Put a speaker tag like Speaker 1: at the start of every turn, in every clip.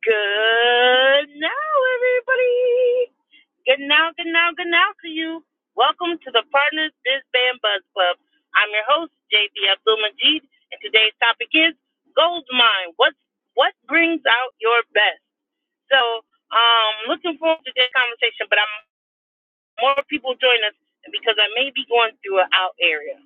Speaker 1: Good now, everybody. Good now, good now, good now to you. Welcome to the Partners Biz Band Buzz Club. I'm your host, JB Abdul Majid, and today's topic is gold mine. What what brings out your best? So, um, looking forward to this conversation, but I'm more people join us because I may be going through an out area.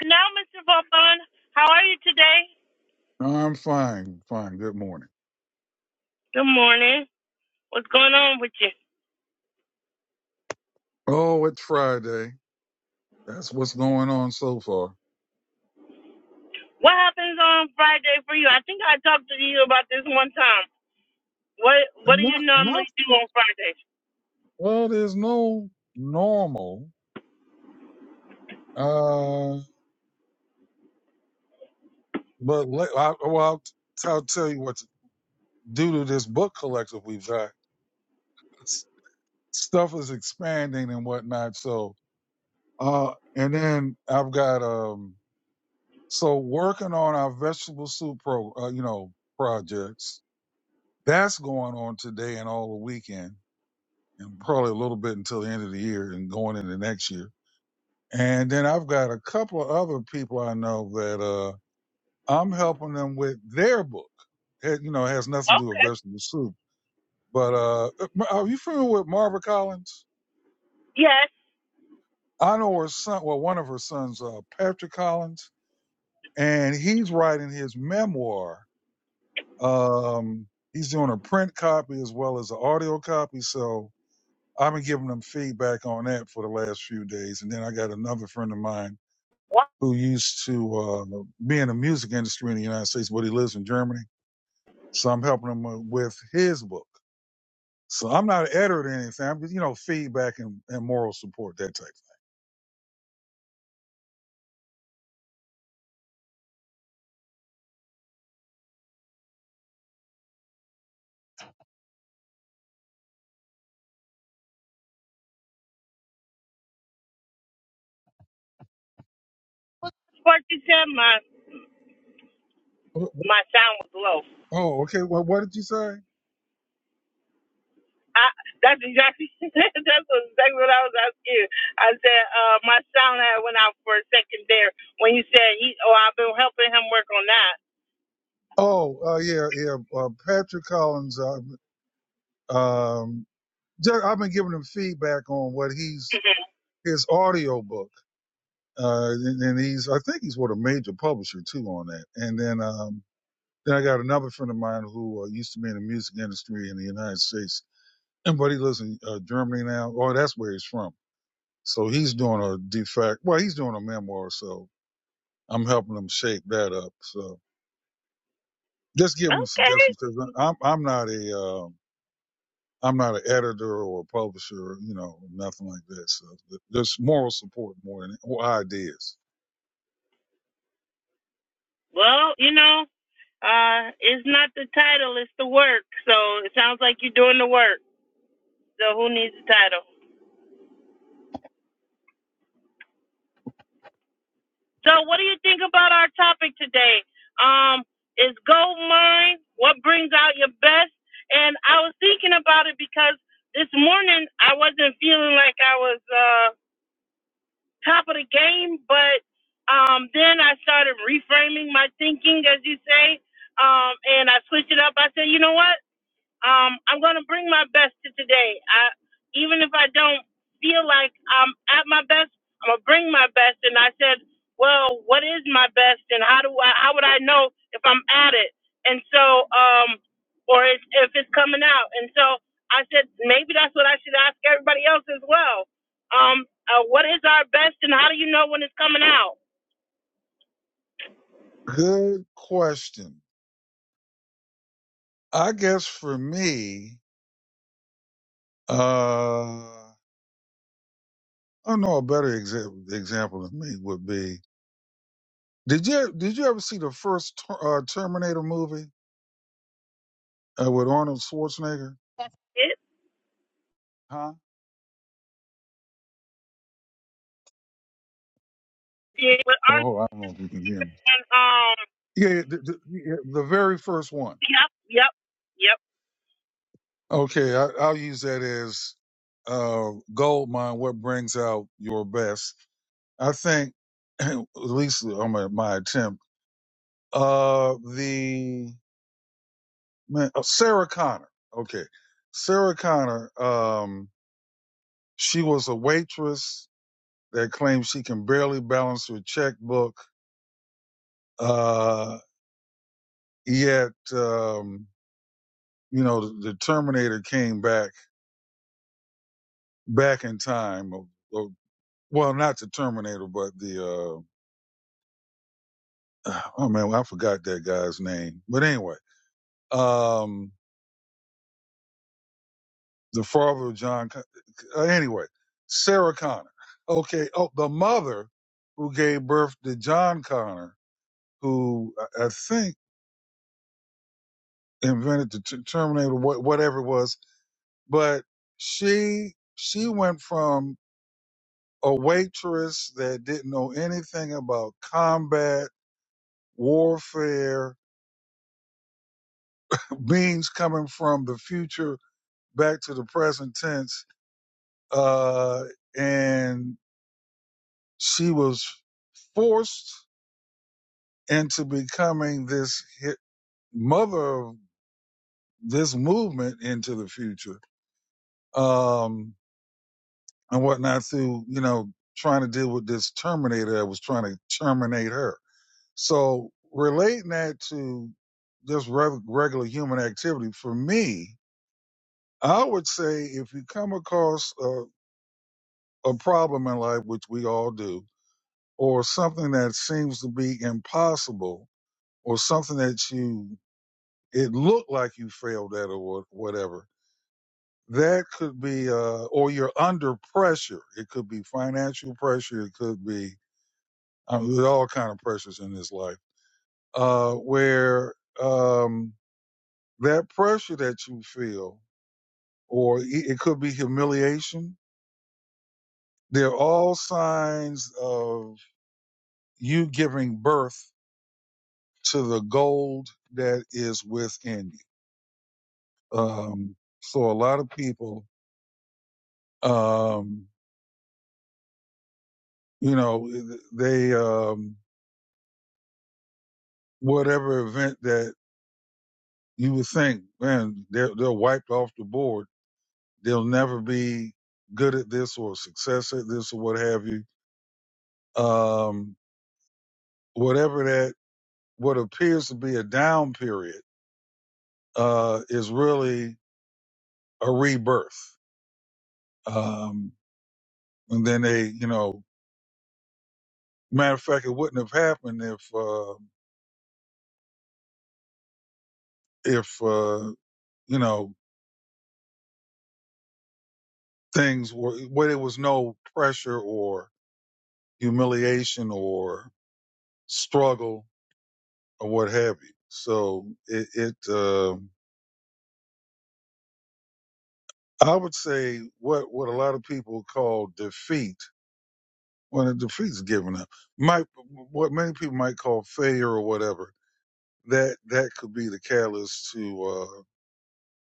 Speaker 1: Now, Mr. Vaughn, how are you today?
Speaker 2: I'm fine, fine. Good morning.
Speaker 1: Good morning. What's going on with you?
Speaker 2: Oh, it's Friday. That's what's going on so far.
Speaker 1: What happens on Friday for you? I think I talked to you about this one time. What What
Speaker 2: And
Speaker 1: do you
Speaker 2: Not, not.
Speaker 1: normally do on Fridays?
Speaker 2: Well, there's no normal. Uh, but let, I, well, I'll, t- I'll tell you what. Due to this book collective we've got, s- stuff is expanding and whatnot. So, uh, and then I've got um, so working on our vegetable soup pro, uh, you know, projects. That's going on today and all the weekend. and probably a little bit until the end of the year and going into next year. And then I've got a couple of other people I know that uh, I'm helping them with their book. It, you know, it has nothing to do with
Speaker 1: Okay.
Speaker 2: vegetable soup. But uh, are you familiar with Marva Collins?
Speaker 1: Yes.
Speaker 2: I know her son, well, one of her sons, uh, Patrick Collins, and he's writing his memoir. Um, he's doing a print copy as well as an audio copy. So I've been giving them feedback on that for the last few days. And then I got another friend of mine
Speaker 1: What
Speaker 2: who used to uh, be in the music industry in the United States, but he lives in Germany. So I'm helping him uh, with his book. So I'm not an editor or anything. I'm just, you know, feedback and, and moral support, that type.
Speaker 1: was the part you said? My
Speaker 2: of thing.
Speaker 1: My sound was low.
Speaker 2: Oh, okay. Well, what did you say?
Speaker 1: I, that's exactly that's exactly what I was asking. you. I said uh, my sound had went out for a second there when you said he. Oh, I've been helping him work on that.
Speaker 2: Oh, uh, yeah, yeah. Uh, Patrick Collins. Uh, um, ju- I've been giving him feedback on what he's his audio book, uh, and, and he's I think he's with a major publisher too on that. And then um, Then I got another friend of mine who uh, used to be in the music industry in the United States, and but he lives in uh, Germany now. Oh, that's where he's from. So he's doing a de facto. Well, he's doing a memoir, so I'm helping him shape that up. So just giving him
Speaker 1: Okay.
Speaker 2: suggestions because I'm I'm not a uh, I'm not an editor or a publisher, you know, nothing like that. So th- there's moral support more than or ideas.
Speaker 1: Well, you know, uh, it's not the title, it's the work. So it sounds like you're doing the work. So who needs the title? So, what do you think about our topic today? Um, is gold mine? What brings out your best? And I was thinking about it because this morning I wasn't feeling like I was uh, top of the game, but um, then I started reframing my thinking, as you say, um, and I switched it up. I said, you know what? Um, I'm gonna bring my best to today. I, even if I don't feel like I'm at my best, I'm gonna bring my best. And I said, well, what is my best, and how do I, how would I know if I'm at it? And so, um, or if, if it's coming out. And so I said, maybe that's what I should ask everybody else as well. Um, uh, what is our best, and how do you know when it's coming out?
Speaker 2: Good question. I guess for me, uh, I know a better exa- example than me would be. Did you did you ever see the first Ter- uh, Terminator movie uh, with Arnold Schwarzenegger?
Speaker 1: It,
Speaker 2: Huh?
Speaker 1: it, with Armstrong,
Speaker 2: Oh, I don't know if you can hear me.
Speaker 1: um,
Speaker 2: Yeah, yeah, the, the, yeah, the very first one.
Speaker 1: yep, yep, yep.
Speaker 2: Okay, I, I'll use that as uh, gold mine. What brings out your best? I think, at least on my, my attempt, uh, the man, uh, Sarah Connor. Okay, Sarah Connor. Um, she was a waitress that claims she can barely balance her checkbook. Uh, yet, um, you know, the, the Terminator came back, back in time. Of, of- well, not the Terminator, but the, uh, oh man, I forgot that guy's name. But anyway, um, the father of John, uh, anyway, Sarah Connor. Okay. Oh, the mother who gave birth to John Connor, who I I think invented the t- Terminator, wha- whatever it was But she she went from a waitress that didn't know anything about combat, warfare, beings coming from the future back to the present tense, uh, and she was forced into becoming this hit mother of this movement into the future um, and whatnot through you know trying to deal with this terminator that was trying to terminate her So relating that to just reg- regular human activity, for me, I would say if you come across a, a problem in life, which we all do, or something that seems to be impossible, or something that you it looked like you failed at, or what- whatever, that could be, uh, or you're under pressure. It could be financial pressure. It could be I mean, there's all kind of pressures in this life uh, where. Um, that pressure that you feel, or i- it could be humiliation. They're all signs of you giving birth to the gold that is within you. Um, so a lot of people, um, you know, they, um, whatever event that you would think, man, they're, they're wiped off the board. They'll never be good at this or success at this or what have you. Um, whatever that what appears to be a down period uh, is really a rebirth. Um, and then they, you know, matter of fact, it wouldn't have happened if uh, if uh, you know things were where there was no pressure or humiliation or struggle or what have you. So it, it uh, I would say what what a lot of people call defeat. when Well, defeat's given up. Might what many people might call failure or whatever that that could be the catalyst to uh,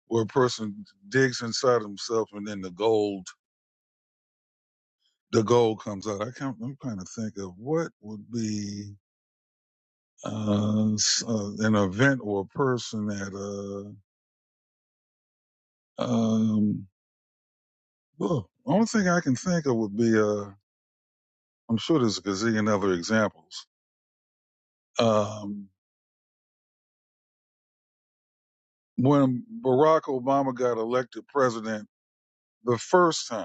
Speaker 2: where a person digs inside himself and then the gold the gold comes out. I can't. I'm trying to think of what would be uh, uh, an event or a person that. Uh, um, well, only thing I can think of would be. Uh, I'm sure there's a gazillion other examples. Um, when Barack Obama got elected president the first time.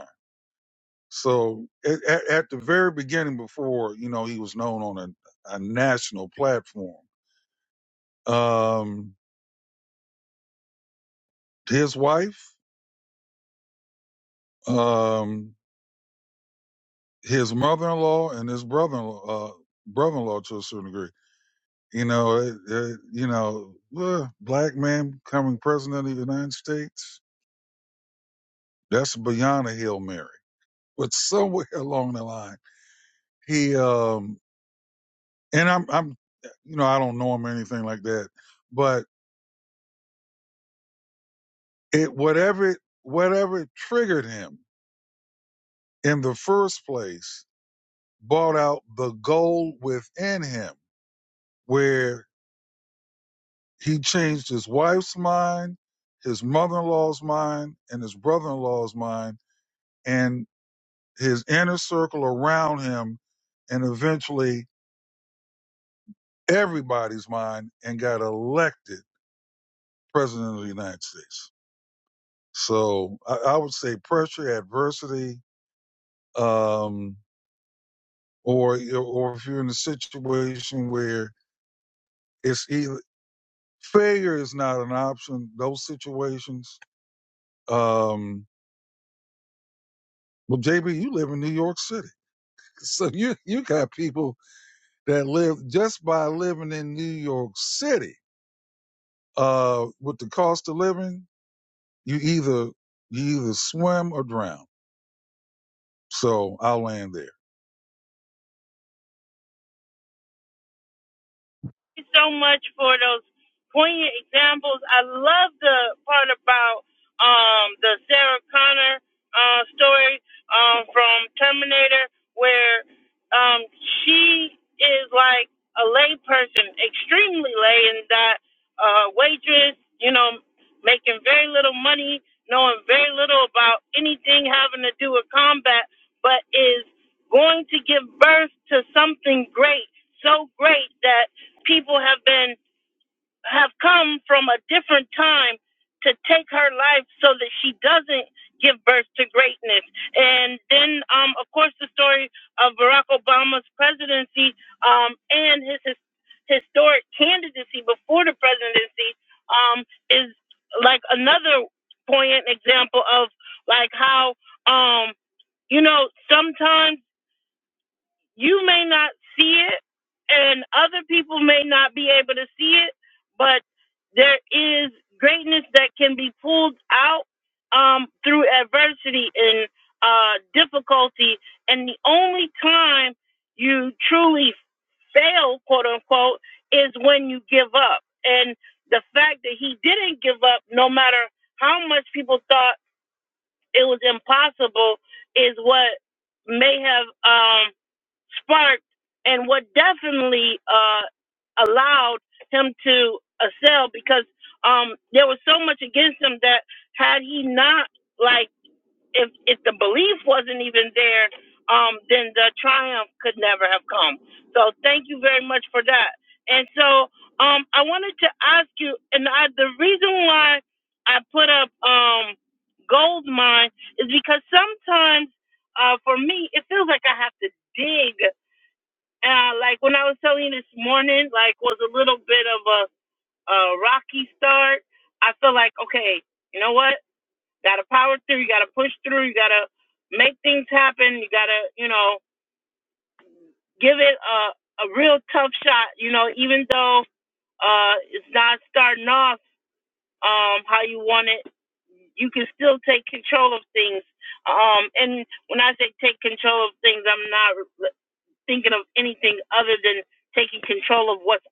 Speaker 2: So at, at, at the very beginning, before you know he was known on a, a national platform, um, his wife, um, his mother-in-law, and his brother-in-law, uh, brother-in-law to a certain degree, you know, it, it, you know, uh, black man becoming president of the United States, that's beyond a hail mary. But somewhere along the line, he um, and I'm, I'm, you know, I don't know him or anything like that, but. It whatever whatever triggered him in the first place brought out the gold within him, where he changed his wife's mind, his mother-in-law's mind, and his brother-in-law's mind, and his inner circle around him, and eventually everybody's mind, and got elected president of the United States. So I, I would say pressure, adversity, um, or or if you're in a situation where it's either failure is not an option, those situations. Um, well, JB, you live in New York City, so you you got people that live just by living in New York City. Uh, with the cost of living, you either you either swim or drown. So I'll land there.
Speaker 1: you so much for those poignant examples. I love the part about um, the Sarah Connor uh, story um, from Terminator, where um, she is like a lay person, extremely lay, in that uh, waitress, you know, making very little money, knowing very little about anything having to do with combat, but is going to give birth to something great, so great that people have been have come from a different time to take her life so that she doesn't give birth to greatness. And then, um, of course, the story of Barack Obama's presidency um, and his, his historic candidacy before the presidency um, is like another poignant example of like how um, you know sometimes you may not see it and other people may not be able to see it but there is greatness that can be pulled out um, through adversity and uh, difficulty and the only time you truly fail quote unquote is when you give up and the fact that he didn't give up no matter how much people thought it was impossible is what may have um, sparked and what definitely uh, allowed him to excel because um, there was so much against him that had he not like if if the belief wasn't even there, um, then the triumph could never have come. So thank you very much for that. And so um, I wanted to ask you, and I, the reason why I put up um, gold mine is because sometimes uh, for me it feels like I have to dig uh, like when I was telling you this morning, like was a little bit of a, a rocky start. I feel like, okay, you know what? Got to power through. You got to push through. You got to make things happen. You got to, you know, give it a, a real tough shot. You know, even though uh, it's not starting off um, how you want it, you can still take control of things. Um, and when I say take control of things, I'm not thinking of anything other than taking control of what's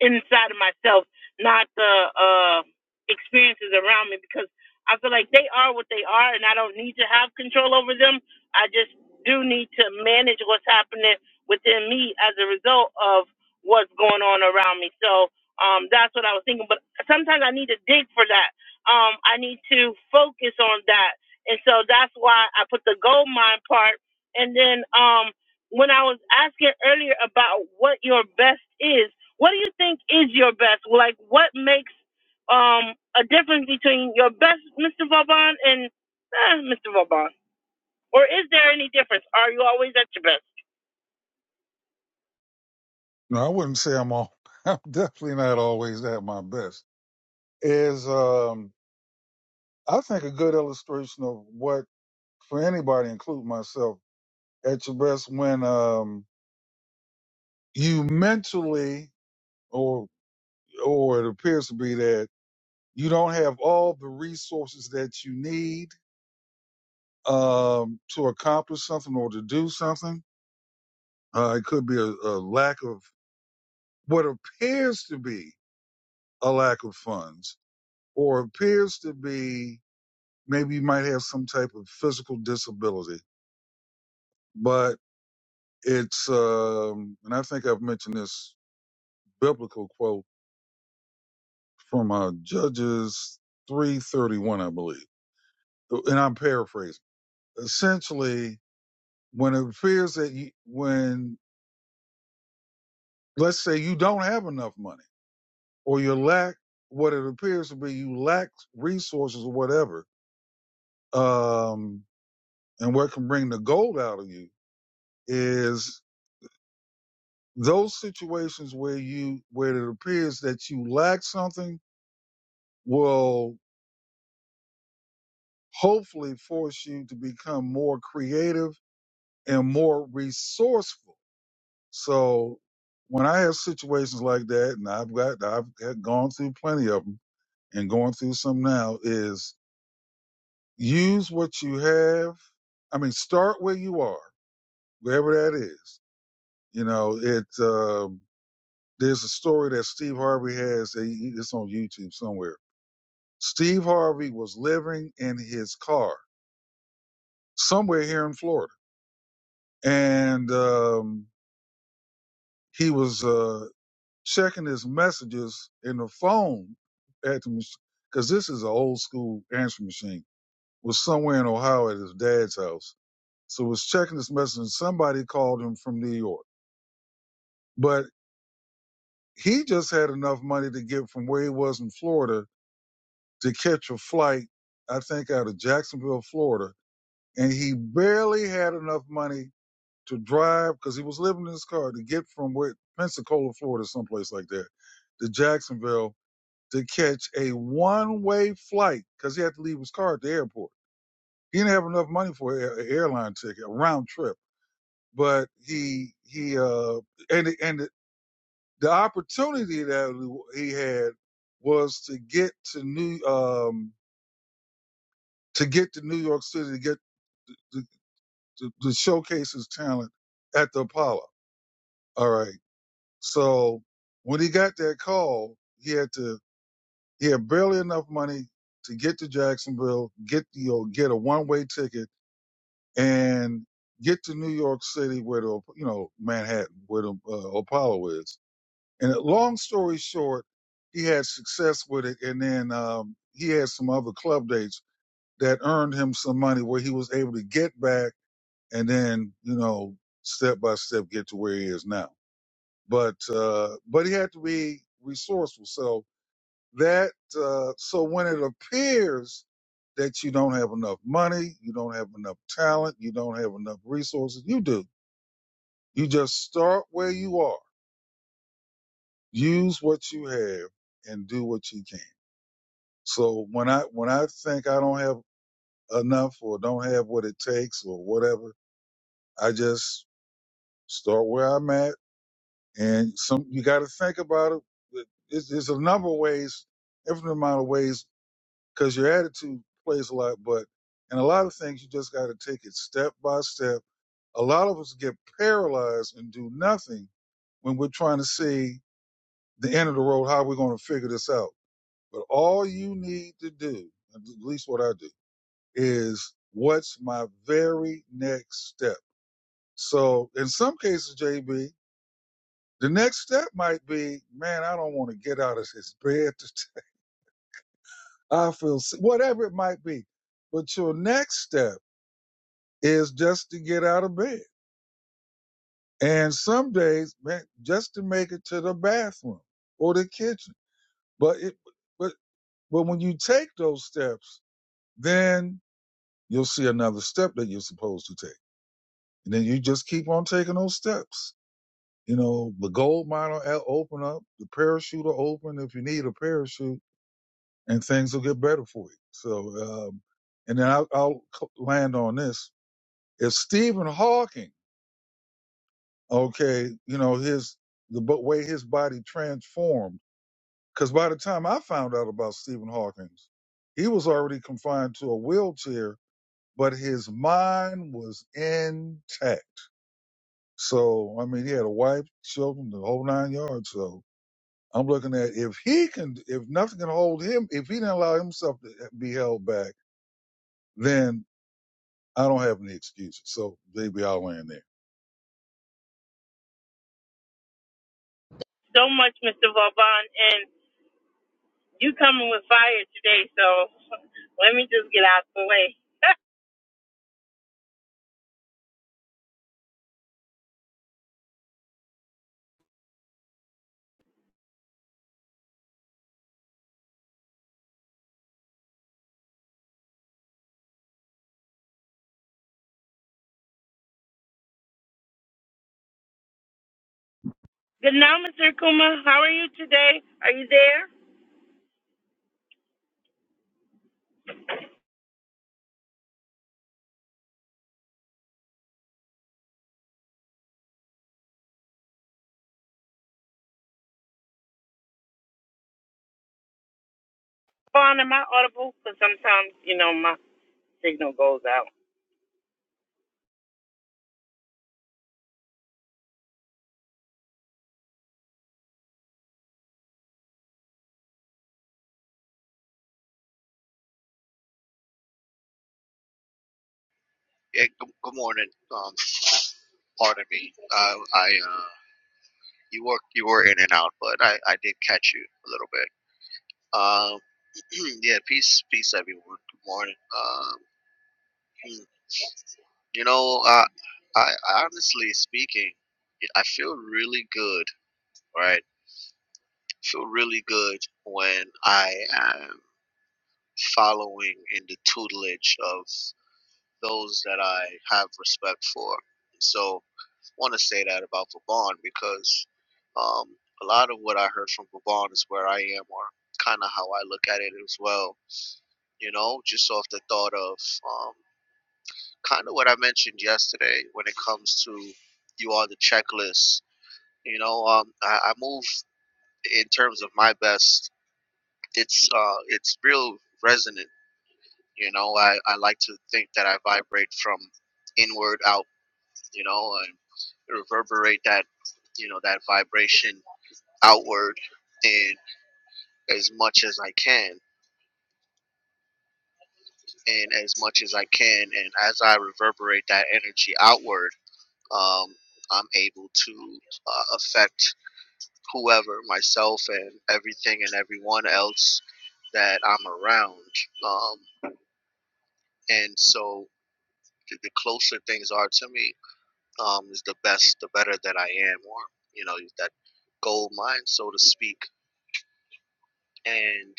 Speaker 1: inside of myself, not the uh, experiences around me, because I feel like they are what they are, and I don't need to have control over them. I just do need to manage what's happening within me as a result of what's going on around me. So um, that's what I was thinking. But sometimes I need to dig for that. Um, I need to focus on that, and so that's why I put the gold mine part, and then. Um, when I was asking earlier about what your best is, what do you think is your best? Like, what makes um, a difference between your best, Mr. Vauban, and eh, Mr. Vauban? Or is there any difference? Are you always at your best?
Speaker 2: No, I wouldn't say I'm all. I'm definitely not always at my best. Is um, I think a good illustration of what for anybody, include myself, at your best when um, you mentally, or or it appears to be that you don't have all the resources that you need um, to accomplish something or to do something. Uh, it could be a, a lack of what appears to be a lack of funds, or appears to be maybe you might have some type of physical disability, but it's um, and I think I've mentioned this biblical quote from uh, Judges 331, I believe. And I'm paraphrasing. Essentially, when it appears that you, when, let's say you don't have enough money or you lack what it appears to be, you lack resources or whatever, um, and what can bring the gold out of you is those situations where you, where it appears that you lack something will hopefully force you to become more creative and more resourceful So when I have situations like that, and I've got I've had gone through plenty of them, and going through some now, is use what you have. I mean, start where you are, wherever that is. You know, it. Um, there's a story that Steve Harvey has. he- It's on YouTube somewhere. Steve Harvey was living in his car somewhere here in Florida, and um, he was. uh, checking his messages in the phone at the machine because this is an old school answering machine was somewhere in ohio at his dad's house so was checking his message and somebody called him from new york but he just had enough money to get from where he was in florida to catch a flight i think out of jacksonville florida and he barely had enough money to drive because he was living in his car to get from where pensacola florida someplace like that to jacksonville to catch a one way flight because he had to leave his car at the airport. He didn't have enough money for an airline ticket, a round trip. But he he uh and and the the opportunity that he had was to get to New um to get to New York City to get to, to, to showcase his talent at the Apollo. All right, so when he got that call, he had to He had barely enough money to get to Jacksonville, get you know, get a one way ticket, and get to New York City, where the you know Manhattan, where the uh, Apollo is. And uh, long story short, he had success with it, and then um, he had some other club dates that earned him some money, where he was able to get back, and then you know step by step get to where he is now. But uh, but he had to be resourceful, so that uh, so when it appears that you don't have enough money, you don't have enough talent, you don't have enough resources, you do. You just start where you are. Use what you have and do what you can. So when I when I think I don't have enough or don't have what it takes or whatever, I just start where I'm at and some you got to think about it. There's, there's a number of ways, infinite amount of ways because your attitude plays a lot. But in a lot of things, you just got to take it step by step. A lot of us get paralyzed and do nothing when we're trying to see the end of the road, how we're going to figure this out. But all you need to do, at least what I do, is what's my very next step? So in some cases, JB, the next step might be, man, I don't want to get out of this bed. I feel sick, whatever it might be. But your next step is just to get out of bed. And some days, man, just to make it to the bathroom or the kitchen. But it, but, but when you take those steps, then you'll see another step that you're supposed to take. And then you just keep on taking those steps. You know, the gold mine will open up, the parachute will open if you need a parachute and things will get better for you. So, um, and then I'll, I'll land on this. If Stephen Hawking okay, you know, his the bo- way his body transformed. Because by the time I found out about Stephen Hawking's, he was already confined to a wheelchair, but his mind was intact. So I mean, he had a wife, children, the whole nine yards. So I'm looking at if he can, if nothing can hold him, if he didn't allow himself to eh, be held back, then I don't have any excuses. So maybe I'll land there.
Speaker 1: So much, Mr. Vauban, and you coming with fire today, so let me just get out the way. Good now, Mr. Kuma. How are you today? Are you there? Vaughn, am I audible? Because sometimes, you know, my signal goes out.
Speaker 3: Yeah, good, good morning. Um, pardon me. Uh, I uh, you were you were in and out, but I, I did catch you a little bit. Um, yeah, peace, peace, everyone. Good morning. Um, hmm, you know, I, I honestly speaking, I feel really good. Right, I feel really good when I am following in the tutelage of those that I have respect for. So want to say that about Vaughn because um, a lot of what I heard from Vaughn is where I am, or kind of how I look at it as well. You know, just off the thought of um, kind of what I mentioned yesterday when it comes to you are the checklist. You know, um, I, I move in terms of my best. It's uh, it's real resonant. You know, I, I like to think that I vibrate from inward out. You know, and reverberate that you know that vibration outward and as much as I can and as much as I can and as I reverberate that energy outward um, I'm able to uh, affect whoever myself and everything and everyone else that I'm around um, and so the the closer things are to me um, is the best the better that I am or you know that gold mine so to speak and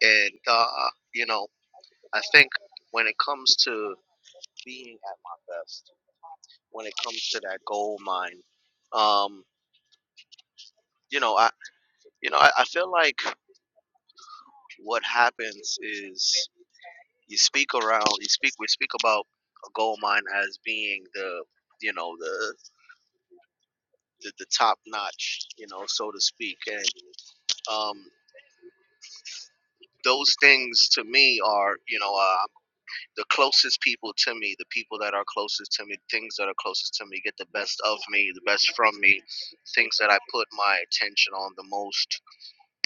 Speaker 3: and uh, you know I think when it comes to being at my best when it comes to that gold mine. Um, you know, I you know, I, I feel like what happens is you speak around you speak we speak about a gold mine as being the you know, the the, the top notch, you know, so to speak. And um those things to me are, you know, uh, the closest people to me, the people that are closest to me, things that are closest to me, get the best of me, the best from me, things that I put my attention on the most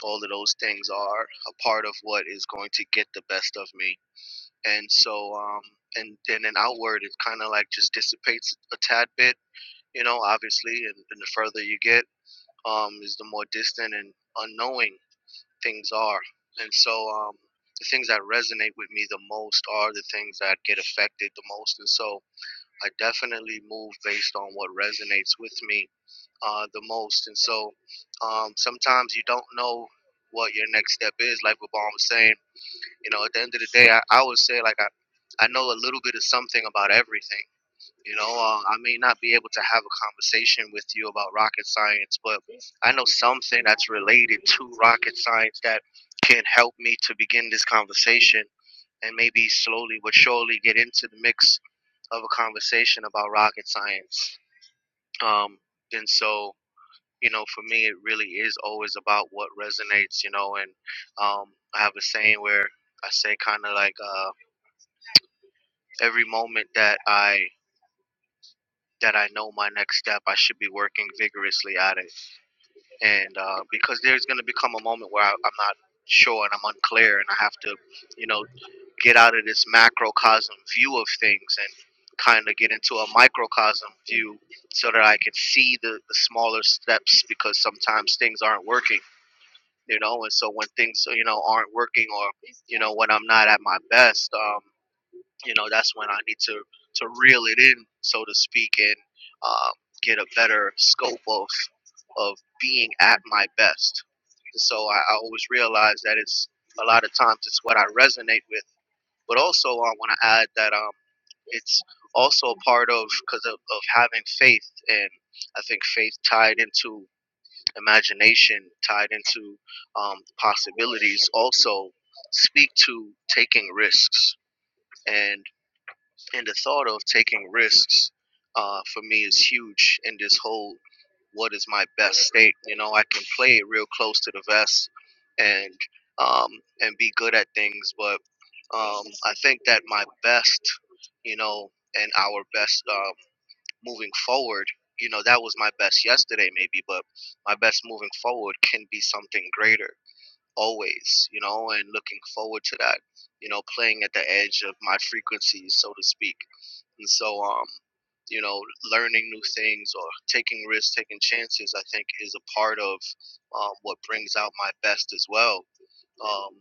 Speaker 3: all of those things are a part of what is going to get the best of me and so um and then an outward it kind of like just dissipates a tad bit you know obviously and, and the further you get um is the more distant and unknowing things are and so um the things that resonate with me the most are the things that get affected the most and so i definitely move based on what resonates with me uh, the most. And so um, sometimes you don't know what your next step is. Like what Baum was saying, you know, at the end of the day, I, I would say like I, I know a little bit of something about everything. You know, uh, I may not be able to have a conversation with you about rocket science, but I know something that's related to rocket science that can help me to begin this conversation and maybe slowly but surely get into the mix of a conversation about rocket science. Um, and so you know, for me, it really is always about what resonates, you know. And um, I have a saying where I say, kind of like, uh, every moment that I that I know my next step, I should be working vigorously at it. And uh, because there's going to become a moment where I, I'm not sure and I'm unclear, and I have to, you know, get out of this macrocosm view of things and kind of get into a microcosm view so that I can see the, the smaller steps because sometimes things aren't working you know. And so when things you know aren't working, or you know when I'm not at my best, um, you know that's when I need to to reel it in, so to speak, and um, get a better scope of of being at my best. And so I, I always realize that it's a lot of times it's what I resonate with, but also I want to add that um, it's also a part of because of, of having faith, and I think faith tied into imagination tied into um, possibilities also speak to taking risks and and the thought of taking risks uh, for me is huge in this whole what is my best state you know i can play it real close to the vest and um, and be good at things but um, i think that my best you know and our best uh, moving forward you know that was my best yesterday maybe but my best moving forward can be something greater always you know and looking forward to that you know playing at the edge of my frequencies so to speak and so um you know learning new things or taking risks taking chances i think is a part of um, what brings out my best as well um,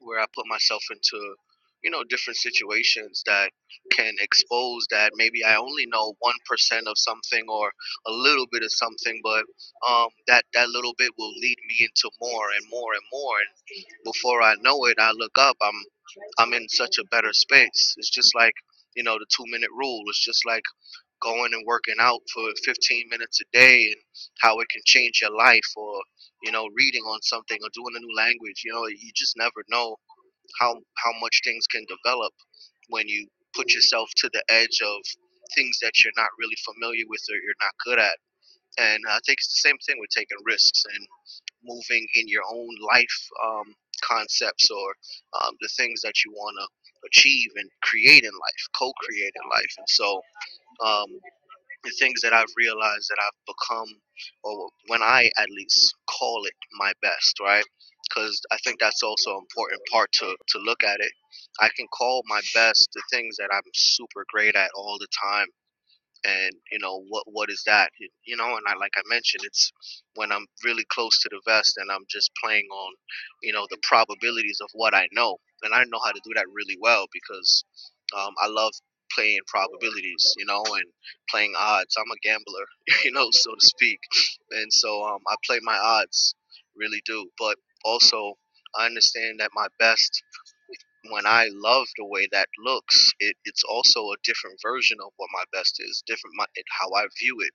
Speaker 3: where I put myself into, you know, different situations that can expose that maybe I only know one percent of something or a little bit of something, but um, that that little bit will lead me into more and more and more, and before I know it, I look up, I'm I'm in such a better space. It's just like you know the two minute rule. It's just like going and working out for 15 minutes a day and how it can change your life or you know reading on something or doing a new language you know you just never know how how much things can develop when you put yourself to the edge of things that you're not really familiar with or you're not good at. And I think it's the same thing with taking risks and moving in your own life um, concepts or um, the things that you want to achieve and create in life, co-create in life. And so, um, the things that I've realized that I've become, or when I at least call it my best, right? Because I think that's also an important part to, to look at it. I can call my best the things that I'm super great at all the time and you know what what is that you know and i like i mentioned it's when i'm really close to the vest and i'm just playing on you know the probabilities of what i know and i know how to do that really well because um, i love playing probabilities you know and playing odds i'm a gambler you know so to speak and so um, i play my odds really do but also i understand that my best when I love the way that looks, it, it's also a different version of what my best is, different my, how I view it.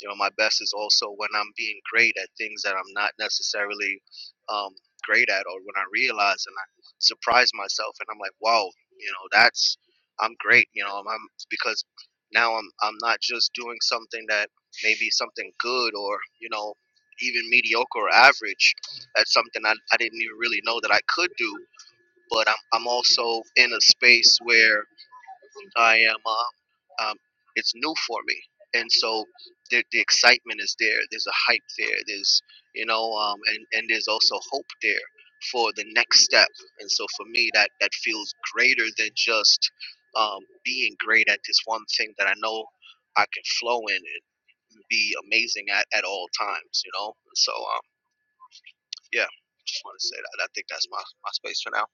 Speaker 3: You know, my best is also when I'm being great at things that I'm not necessarily um, great at, or when I realize and I surprise myself, and I'm like, wow, you know, that's I'm great. You know, I'm, I'm because now I'm I'm not just doing something that maybe something good or you know even mediocre or average. That's something I, I didn't even really know that I could do but I'm I'm also in a space where I am uh, um, it's new for me, and so the the excitement is there. There's a hype there. There's you know um, and and there's also hope there for the next step. And so for me, that that feels greater than just um, being great at this one thing that I know I can flow in and be amazing at at all times. You know, so um, yeah. Just want to say that. I think that's my, my space for now.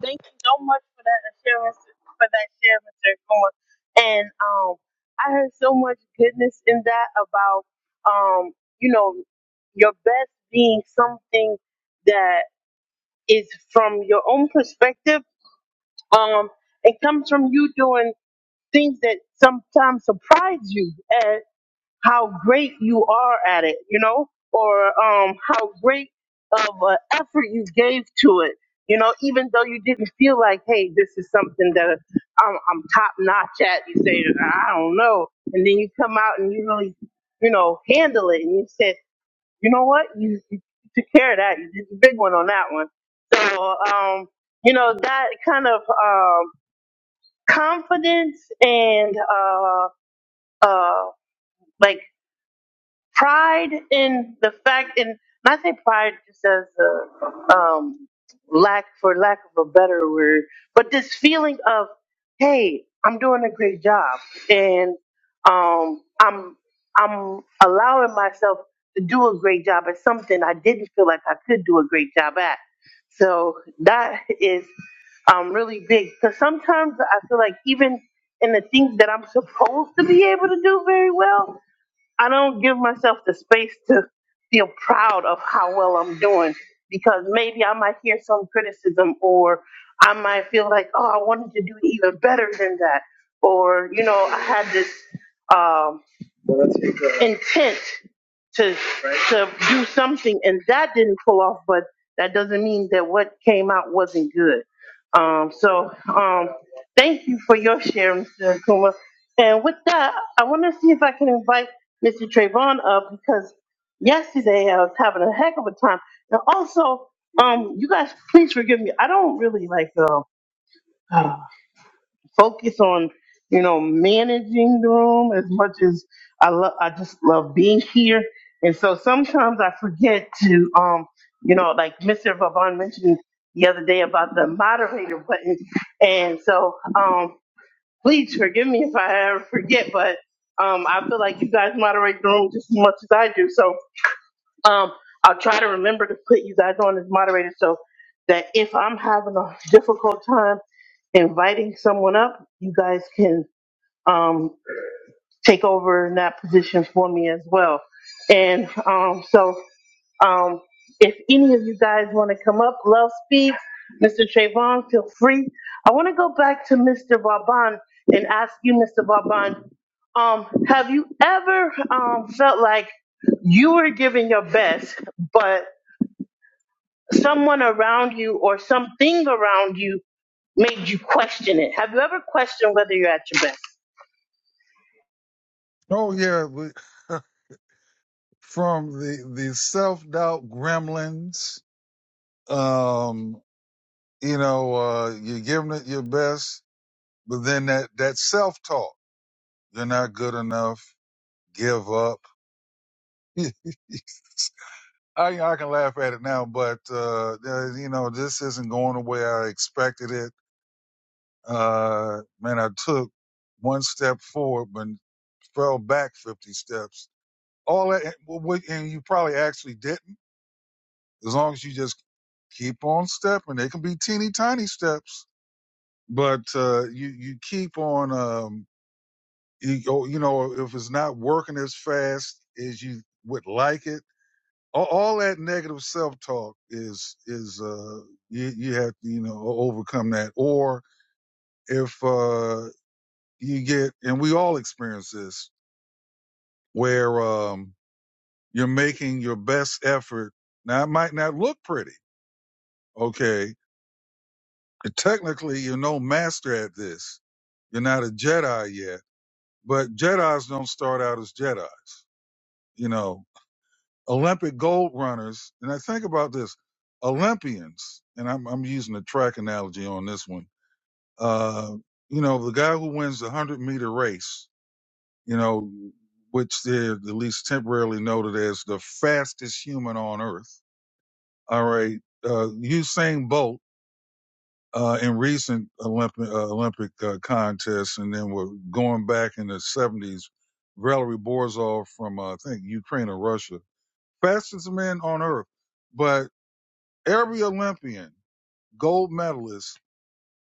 Speaker 1: Thank you so much for that assurance, for that share, Mr. Cohen. And um, I heard so much goodness in that about, um, you know, your best being something that is from your own perspective um, it comes from you doing things that sometimes surprise you how great you are at it, you know, or um, how great of an effort you gave to it, you know, even though you didn't feel like, hey, this is something that I'm, I'm top notch at. You say, I don't know, and then you come out and you really, you know, handle it, and you said, you know what, you, you took care of that. You did the big one on that one. So, um, you know, that kind of um, confidence and uh, uh, like pride in the fact, and and I say pride just as a um, lack, for lack of a better word, but this feeling of, hey, I'm doing a great job, and um, I'm I'm allowing myself to do a great job at something I didn't feel like I could do a great job at. So that is um, really big because sometimes I feel like even in the things that I'm supposed to be able to do very well, I don't give myself the space to feel proud of how well I'm doing because maybe I might hear some criticism or I might feel like, oh, I wanted to do even better than that. Or, you know, I had this um, intent to right. to do something and that didn't pull off but that doesn't mean that what came out wasn't good um so um thank you for your share mr Akuma. and with that i want to see if i can invite mr trayvon up because yesterday i was having a heck of a time and also um you guys please forgive me i don't really like uh, focus on you know managing the room as much as I love. I just love being here, and so sometimes I forget to um you know like Mr. Vavon mentioned the other day about the moderator button, and so um please forgive me if I ever forget, but um I feel like you guys moderate the room just as much as I do, so um I'll try to remember to put you guys on as moderators so that if I'm having a difficult time inviting someone up, you guys can um, take over in that position for me as well. And um, so, um, if any of you guys want to come up, Love Speaks, Mr. Trayvon, feel free. I want to go back to Mr. Vaban and ask you, Mr. Vaban, um, have you ever um, felt like you were giving your best, but someone around you or something around you made you question it? Have you ever questioned whether you're at your
Speaker 2: Oh yeah, we, from the the self doubt gremlins. Um, you know, uh, you're giving it your best, but then that that self talk, you're not good enough, give up. I I can laugh at it now, but uh, uh, you know, this isn't going the way I expected it. Uh, man, I took one step forward, but fell back fifty steps. All that, and well, what- and you probably actually didn't. As long as you just keep on stepping, they can be teeny tiny steps, but uh, you you keep on. Um, you, you know, if it's not working as fast as you would like it, all, all that negative self talk is is uh, you you have to you know overcome that. Or if uh, you get, and we all experience this, where um, you're making your best effort. Now it might not look pretty, okay, Technically, you're no master at this. You're not a Jedi yet, but Jedi's don't start out as Jedi's. You know, Olympic gold runners, and I think about this, Olympians, and I'm, I'm using a track analogy on this one. Uh, you know, the guy who wins the 100 meter race, you know, which they're at least temporarily noted as the fastest human on earth. All right. Uh, Usain Bolt uh, in recent Olympic uh, Olympic uh, contests, and then we're going back in the '70s. Valery Borzov from uh, I think Ukraine or Russia, fastest man on earth. But every Olympian, gold medalist,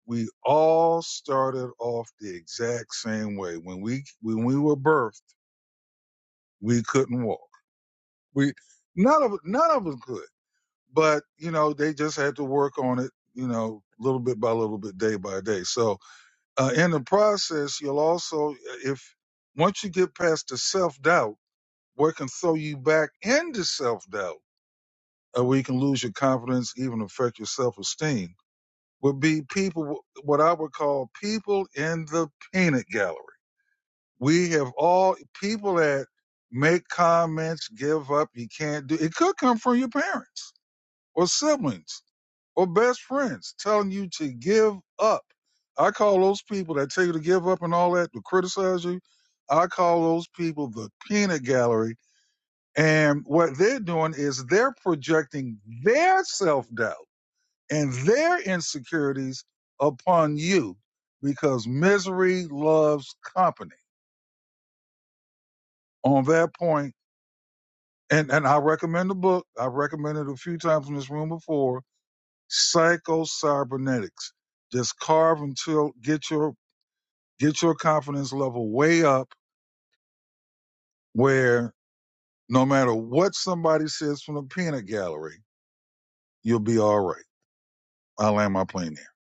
Speaker 2: we all started off the exact same way. When we when we were birthed, we couldn't walk. We none of none of us could. But you know, they just had to work on it. You know, little bit by little bit, day by day. So Uh, in the process, you'll also, uh, if once you get past the self doubt, what can throw you back into self doubt, uh, where you can lose your confidence, even affect your self esteem, would be people, what I would call people in the peanut gallery. We have all people that make comments, give up, you can't do it. Could come from your parents or siblings or best friends telling you to give up. I call those people that tell you to give up and all that to criticize you. I call those people the peanut gallery. And what they're doing is they're projecting their self doubt and their insecurities upon you because misery loves company. On that point, and, and I recommend the book. I've recommended it a few times in this room before, Psycho Cybernetics just carve until get your Get your confidence level way up where no matter what somebody says from the peanut gallery, you'll be all right. I land my plane there.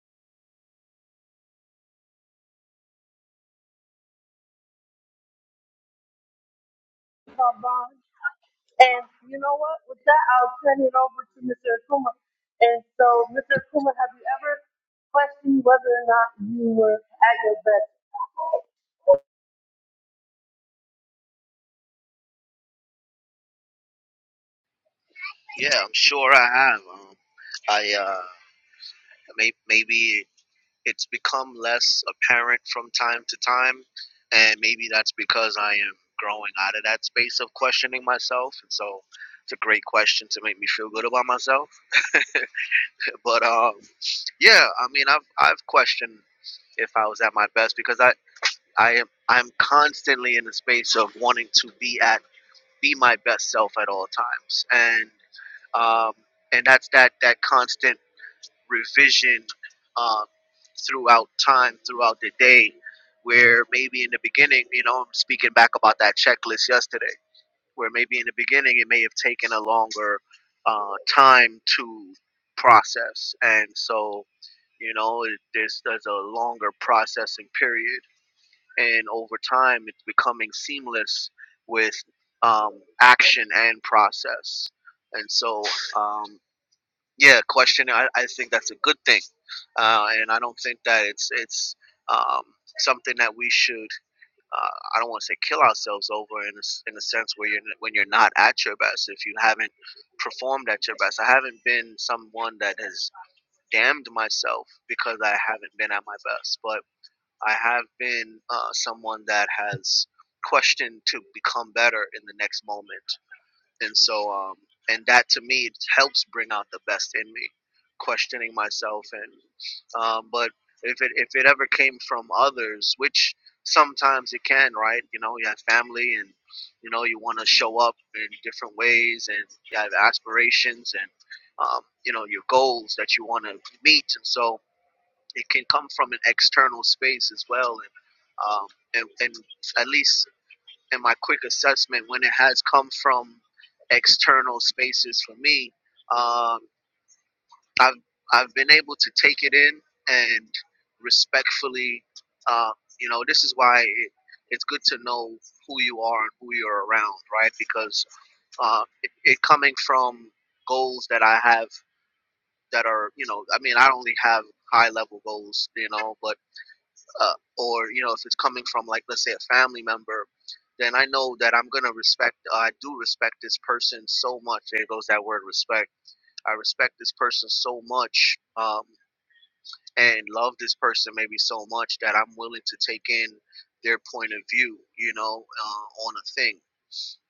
Speaker 1: best? And you know what? With that, I'll turn it over to Mr. Akuma. And so, Mr. Akuma, have a question whether or not you were at your best.
Speaker 3: Yeah, I'm sure I have. Um, I uh, may, maybe it's become less apparent from time to time, and maybe that's because I am growing out of that space of questioning myself, and so it's a great question to make me feel good about myself. But um, yeah, I mean, I've I've questioned if I was at my best because I I am I'm constantly in the space of wanting to be at be my best self at all times, and um, and that's that that constant revision um, throughout time, throughout the day, where maybe in the beginning, you know, I'm speaking back about that checklist yesterday, where maybe in the beginning it may have taken a longer uh, time to process. And so, you know, it, there's, there's a longer processing period. And over time, it's becoming seamless with um, action and process. And so, um, yeah, question. I, I think that's a good thing, uh, and I don't think that it's it's um, something that we should. Uh, I don't want to say kill ourselves over in a, s- in a sense where you're n- when you're not at your best if you haven't performed at your best. I haven't been someone that has damned myself because I haven't been at my best, but I have been uh, someone that has questioned to become better in the next moment and so um and that to me helps bring out the best in me questioning myself and um but if it if it ever came from others which sometimes it can right you know you have family and you know you want to show up in different ways and you have aspirations and um, you know your goals that you want to meet and so it can come from an external space as well and um, and, and at least and my quick assessment when it has come from external spaces for me, um, I've I've been able to take it in and respectfully, uh, you know, this is why it, it's good to know who you are and who you're around, right? Because uh, it, it coming from goals that I have that are, you know, I mean, I only have high level goals, you know, but uh, or you know if it's coming from like let's say a family member then i know that i'm gonna respect uh, i do respect this person so much there goes that word respect i respect this person so much um, and love this person maybe so much that i'm willing to take in their point of view you know uh, on a thing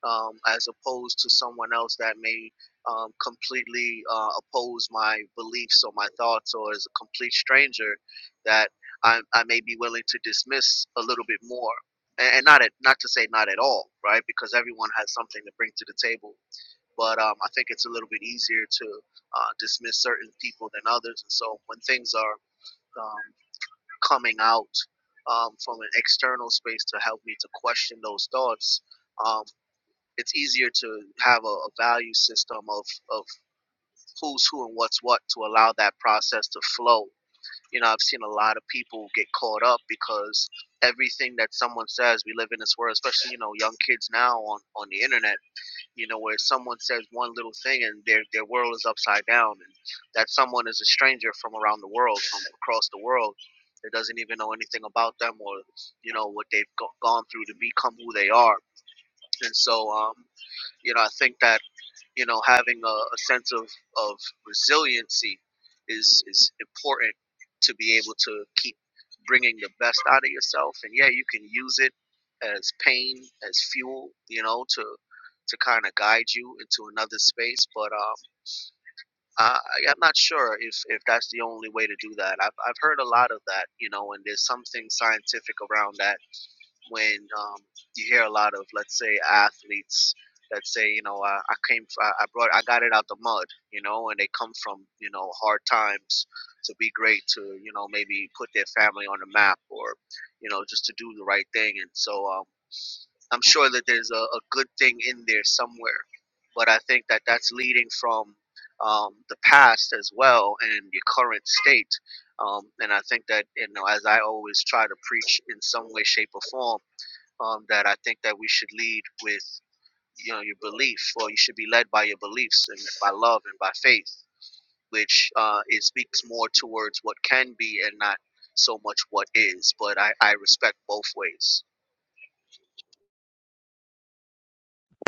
Speaker 3: um, as opposed to someone else that may um, completely uh, oppose my beliefs or my thoughts, or is a complete stranger that I, I may be willing to dismiss a little bit more. And, and not at, not to say not at all, right? Because everyone has something to bring to the table. But um, I think it's a little bit easier to uh, dismiss certain people than others. And so when things are um, coming out um, from an external space to help me to question those thoughts, um, it's easier to have a, a value system of, of who's who and what's what to allow that process to flow. You know, I've seen a lot of people get caught up because everything that someone says, we live in this world, especially, you know, young kids now on, on the internet, you know, where someone says one little thing and their, their world is upside down and that someone is a stranger from around the world, from across the world that doesn't even know anything about them or, you know, what they've go- gone through to become who they are. And so, um, you know, I think that you know, having a, a sense of, of resiliency is, is important to be able to keep bringing the best out of yourself. And yeah, you can use it as pain, as fuel, you know, to to kind of guide you into another space. But um, I, I'm not sure if, if that's the only way to do that. I've, I've heard a lot of that, you know, and there's something scientific around that when um, you hear a lot of let's say athletes that say you know I, I came f- I I brought I got it out the mud you know and they come from you know hard times to be great to you know maybe put their family on the map or you know just to do the right thing and so um, I'm sure that there's a, a good thing in there somewhere but I think that that's leading from um, the past as well and your current state um, and I think that you know as I always try to preach in some way shape or form um, that I think that we should lead with you know your belief, or you should be led by your beliefs and by love and by faith, which uh, it speaks more towards what can be and not so much what is. But I, I respect both ways.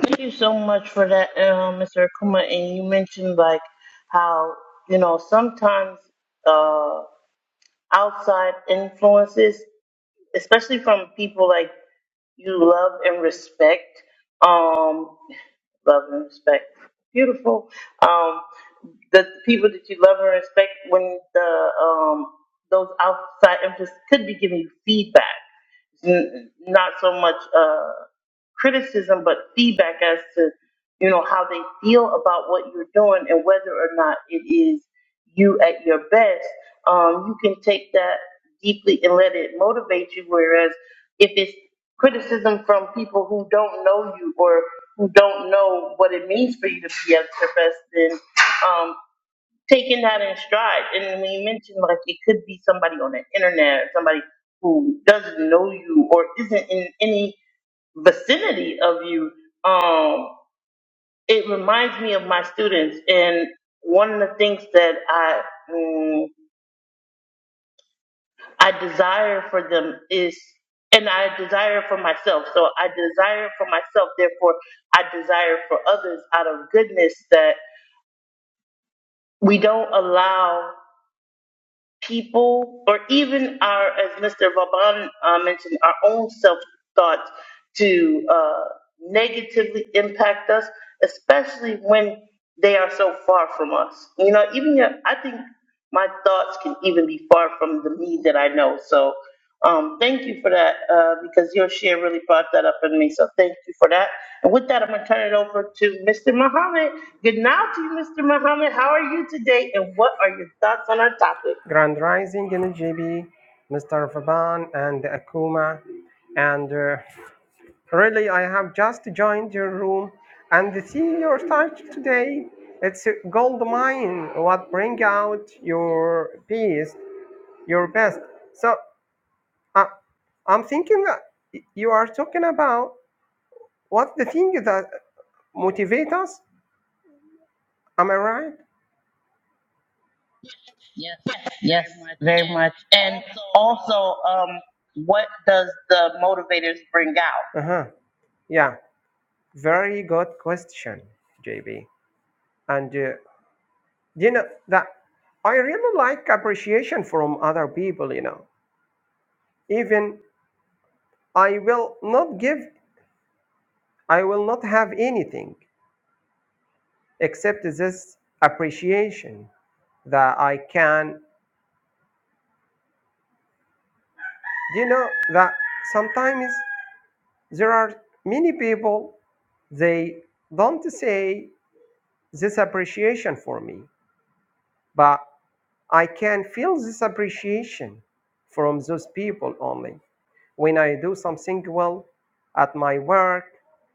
Speaker 1: Thank you so much for that, uh, Mr. Akuma. And you mentioned like how you know sometimes uh, outside influences, especially from people like you love and respect, um, love and respect, beautiful. Um, the people that you love and respect when the um those outside influences could be giving you feedback, N- not so much uh criticism, but feedback as to you know how they feel about what you're doing and whether or not it is you at your best. Um, you can take that deeply and let it motivate you. Whereas if it's criticism from people who don't know you or who don't know what it means for you to be at your best, then um, taking that in stride. And when you mentioned like it could be somebody on the internet, or somebody who doesn't know you or isn't in any vicinity of you, um, it reminds me of my students. And one of the things that I mm, I desire for them is, and I desire for myself. So I desire for myself. Therefore, I desire for others out of goodness that we don't allow. people, or even our, as Mr. Vaban uh, mentioned, our own self thoughts to uh, negatively impact us, especially when they are so far from us. You know, even your, I think my thoughts can even be far from the me that I know. So um, thank you for that uh, because your share really brought that up in me. So thank you for that. And with that, I'm going to turn it over to Mr. Muhammad. Good night to you, Mr. Muhammad. How are you today? And what are your thoughts on our topic?
Speaker 4: Grand Rising JB, Mr. Vaban, and Akuma. And uh, really, I have just joined your room and see your title today. It's a gold mine. What bring out your best, your best. So uh, I'm thinking that you are talking about what the thing that motivate us. Am I right?
Speaker 1: Yes, very much. And also, um, what does the motivators bring out?
Speaker 4: Uh huh. Yeah. Very good question, JB. And uh, you know that i really like appreciation from other people you know even i will not give i will not have anything except this appreciation that i can you know that sometimes there are many people they don't say this appreciation for me but i can feel this appreciation from those people only when I do something well at my work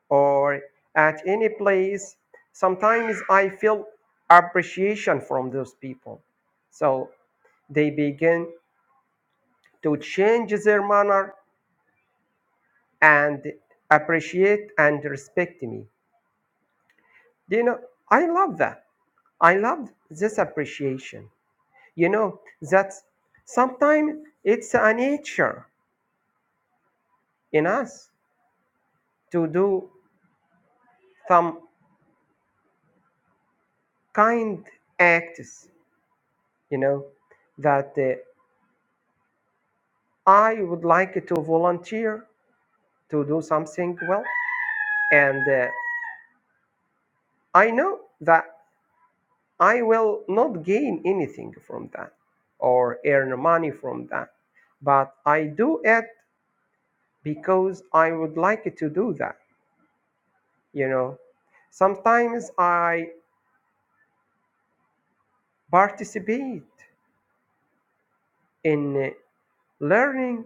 Speaker 4: or at any place, sometimes I feel appreciation from those people. So they begin to change their manner and appreciate and respect me. You know, I love that. I love this appreciation. You know, that sometimes it's a nature in us to do some kind acts you know, that uh, I would like to volunteer to do something well, and uh, I know that I will not gain anything from that or earn money from that, but I do it because I would like to do that, you know. Sometimes I participate in uh, learning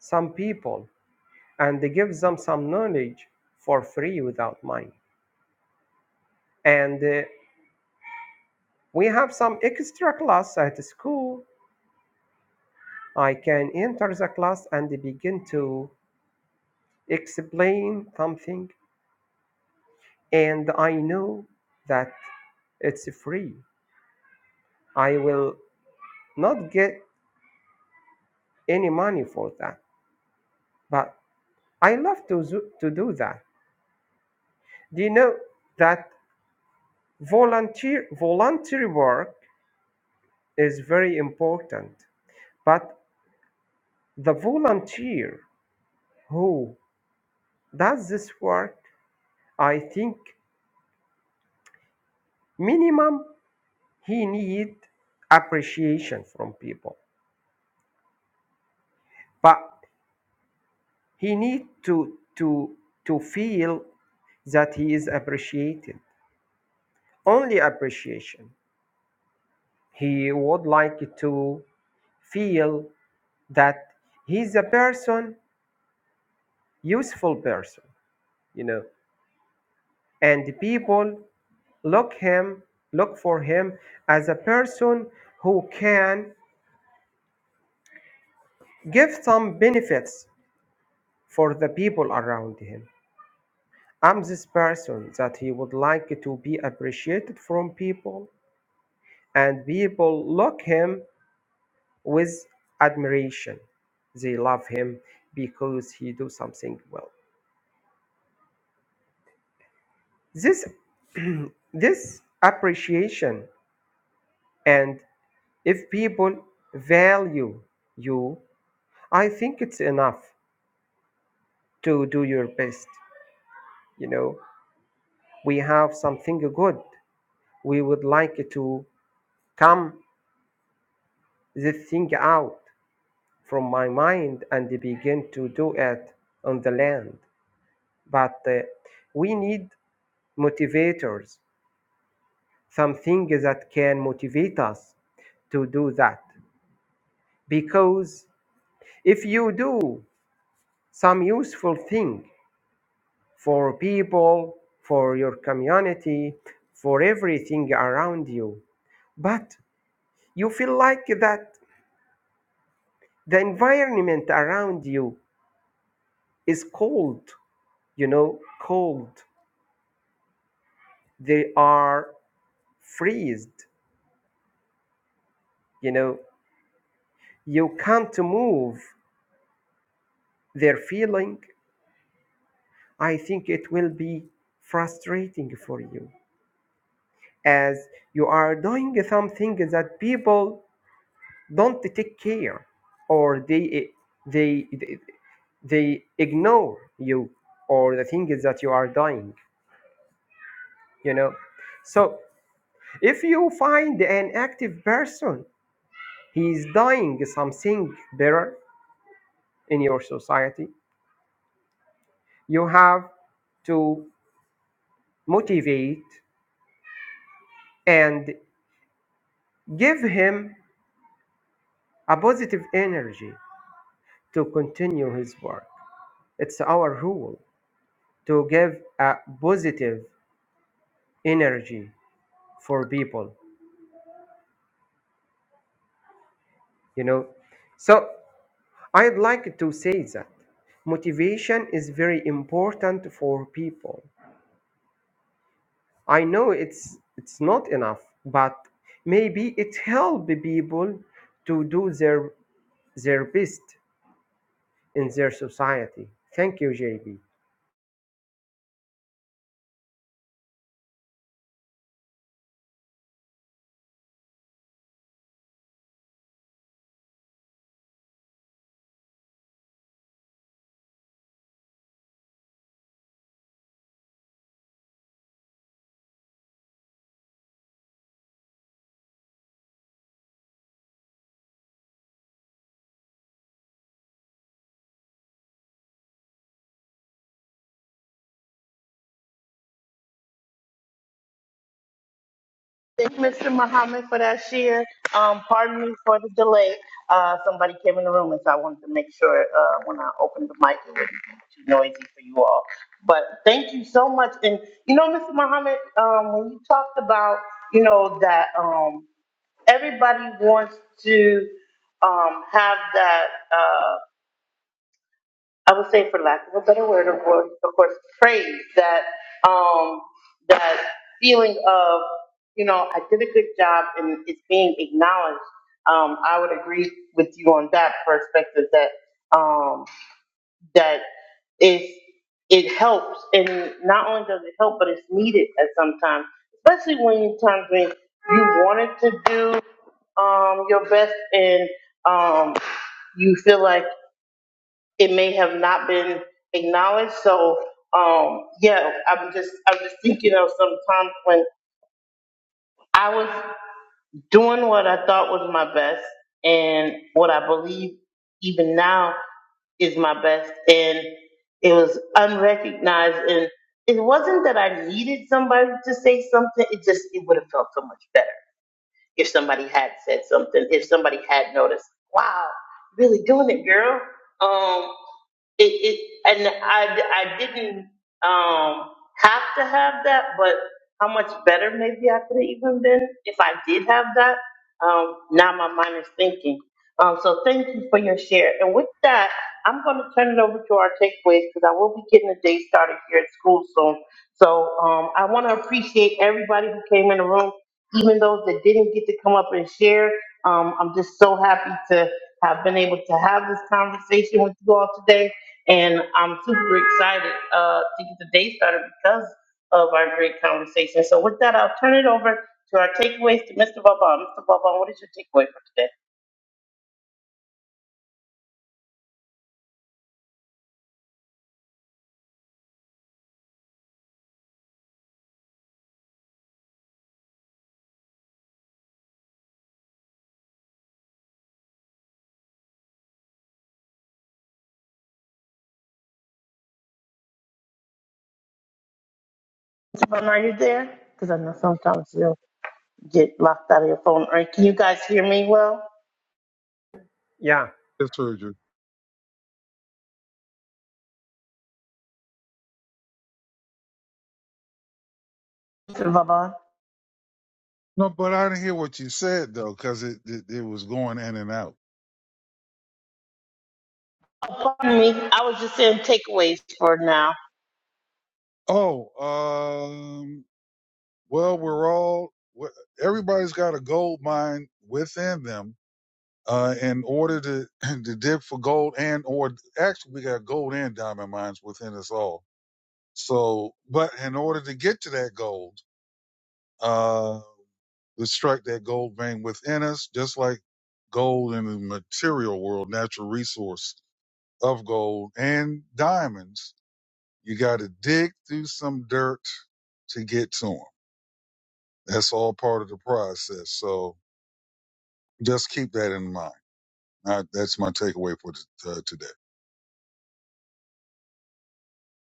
Speaker 4: some people and give them some knowledge for free without money. And uh, We have some extra class at school. I can enter the class and begin to explain something, and I know that it's free. I will not get any money for that, but I love to, zo- to do that. Do you know that volunteer, voluntary work is very important, but the volunteer who does this work, I think minimum he need appreciation from people but he need to to to feel that he is appreciated only appreciation he would like to feel that he's a person useful person you know and people look him look for him as a person who can give some benefits for the people around him I'm this person that he would like to be appreciated from people, and people look him with admiration. They love him because he do something well. This this appreciation and if people value you, I think it's enough to do your best. You know, we have something good. We would like to come this thing out from my mind and begin to do it on the land. But uh, we need motivators, something that can motivate us to do that. Because if you do some useful thing for people, for your community, for everything around you, but you feel like that the environment around you is cold, you know, cold. They are freezed you know you can't move their feeling i think it will be frustrating for you as you are doing something that people don't take care or they they they, they ignore you or the things that you are doing you know so if you find an active person he is doing something better in your society you have to motivate and give him a positive energy to continue his work. It's our rule to give a positive energy for people, you know. So I'd like to say that motivation is very important for people. I know it's it's not enough, but maybe it help people to do their their best in their society. Thank you, JB.
Speaker 1: Thank you, Mr. Muhammad, for that share. Um, pardon me for the delay. Uh, somebody came in the room, and so I wanted to make sure uh, when I opened the mic, it wasn't too noisy for you all. But thank you so much. And you know, Mr. Muhammad, um, when you talked about, you know, that um, everybody wants to um, have that. Uh, I would say, for lack of a better word, of course, of course praise that um, that feeling of you know I did a good job and it's being acknowledged. Um, I would agree with you on that perspective that um, that is it helps and not only does it help but it's needed at some time, especially when you times when you wanted to do um, your best and um, you feel like it may have not been acknowledged. So um, yeah, I'm just I'm just thinking of sometimes when I was doing what I thought was my best and what I believe even now is my best and it was unrecognized and it wasn't that I needed somebody to say something, it just it would have felt so much better if somebody had said something, if somebody had noticed, wow, really doing it, girl. Um it, it and I, I didn't um have to have that, but how much better maybe I could have even been if I did have that. Um, now my mind is thinking. Um, so thank you for your share. And with that, I'm going to turn it over to our takeaways because I will be getting the day started here at school soon. So um, I want to appreciate everybody who came in the room, even those that didn't get to come up and share. Um, I'm just so happy to have been able to have this conversation with you all today. And I'm super excited uh, to get the day started because of our great conversation. So with that, I'll turn it over to our takeaways to Mr. Vaughn. Mr. Vaughn, what is your takeaway for today? Mr. Vaughn, are you there? Because I know sometimes you'll get locked out of your phone. Or can you guys hear me well?
Speaker 4: Yeah,
Speaker 2: Yes, sir. Drew.
Speaker 1: Mr. Vaughn?
Speaker 2: No, but I didn't hear what you said though, because it, it it was going in and out.
Speaker 1: Pardon me. I was just saying takeaways for now.
Speaker 2: Oh, um, well, we're all everybody's got a gold mine within them. Uh, in order to to dig for gold and or actually we got gold and diamond mines within us all. So, but in order to get to that gold uh, to strike that gold vein within us, just like gold in the material world, natural resource of gold and diamonds. You got to dig through some dirt to get to them. That's all part of the process. So just keep that in mind. Uh that's my takeaway for t- uh, today.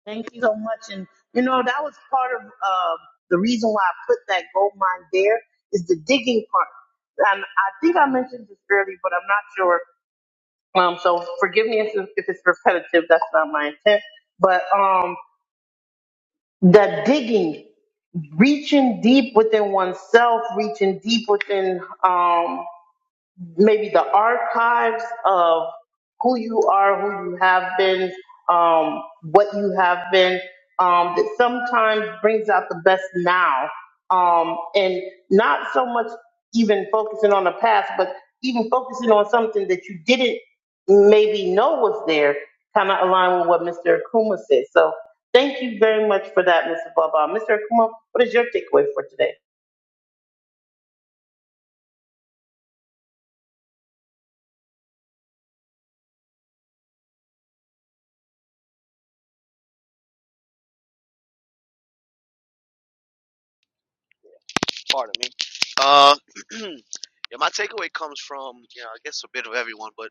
Speaker 1: Thank you so much. And you know, that was part of uh, the reason why I put that gold mine there is the digging part. And I think I mentioned this earlier, but I'm not sure. Um, so forgive me if, if it's repetitive. That's not my intent. But um, the digging, reaching deep within oneself, reaching deep within. Um, maybe the archives of who you are, who you have been, um, what you have been, um, that sometimes brings out the best now. Um, and not so much even focusing on the past, but even focusing on something that you didn't maybe know was there, kind of align with what Mr. Akuma said. So thank you very much for that, Mr. Baba. Mr. Akuma, what is your takeaway for today?
Speaker 3: Pardon me. Uh, yeah, my takeaway comes from you know I guess a bit of everyone, but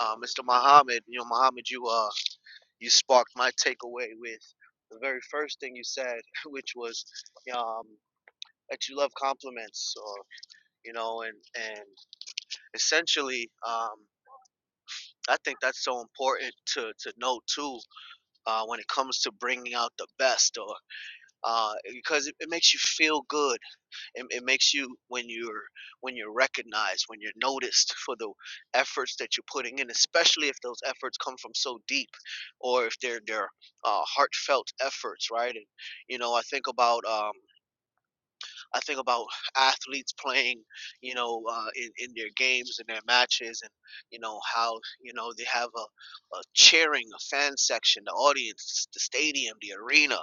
Speaker 3: uh, Mr. Muhammad, you know Muhammad, you uh you sparked my takeaway with the very first thing you said, which was um, that you love compliments or you know, and and essentially, um, I think that's so important to to know too uh, when it comes to bringing out the best, or uh, because it, it makes you feel good. It, it makes you when you're when you're recognized, when you're noticed for the efforts that you're putting in, especially if those efforts come from so deep, or if they're they're uh, heartfelt efforts, right? And you know, I think about. Um, I think about athletes playing, you know, uh, in in their games and their matches, and you know how you know they have a, a cheering, a fan section, the audience, the stadium, the arena,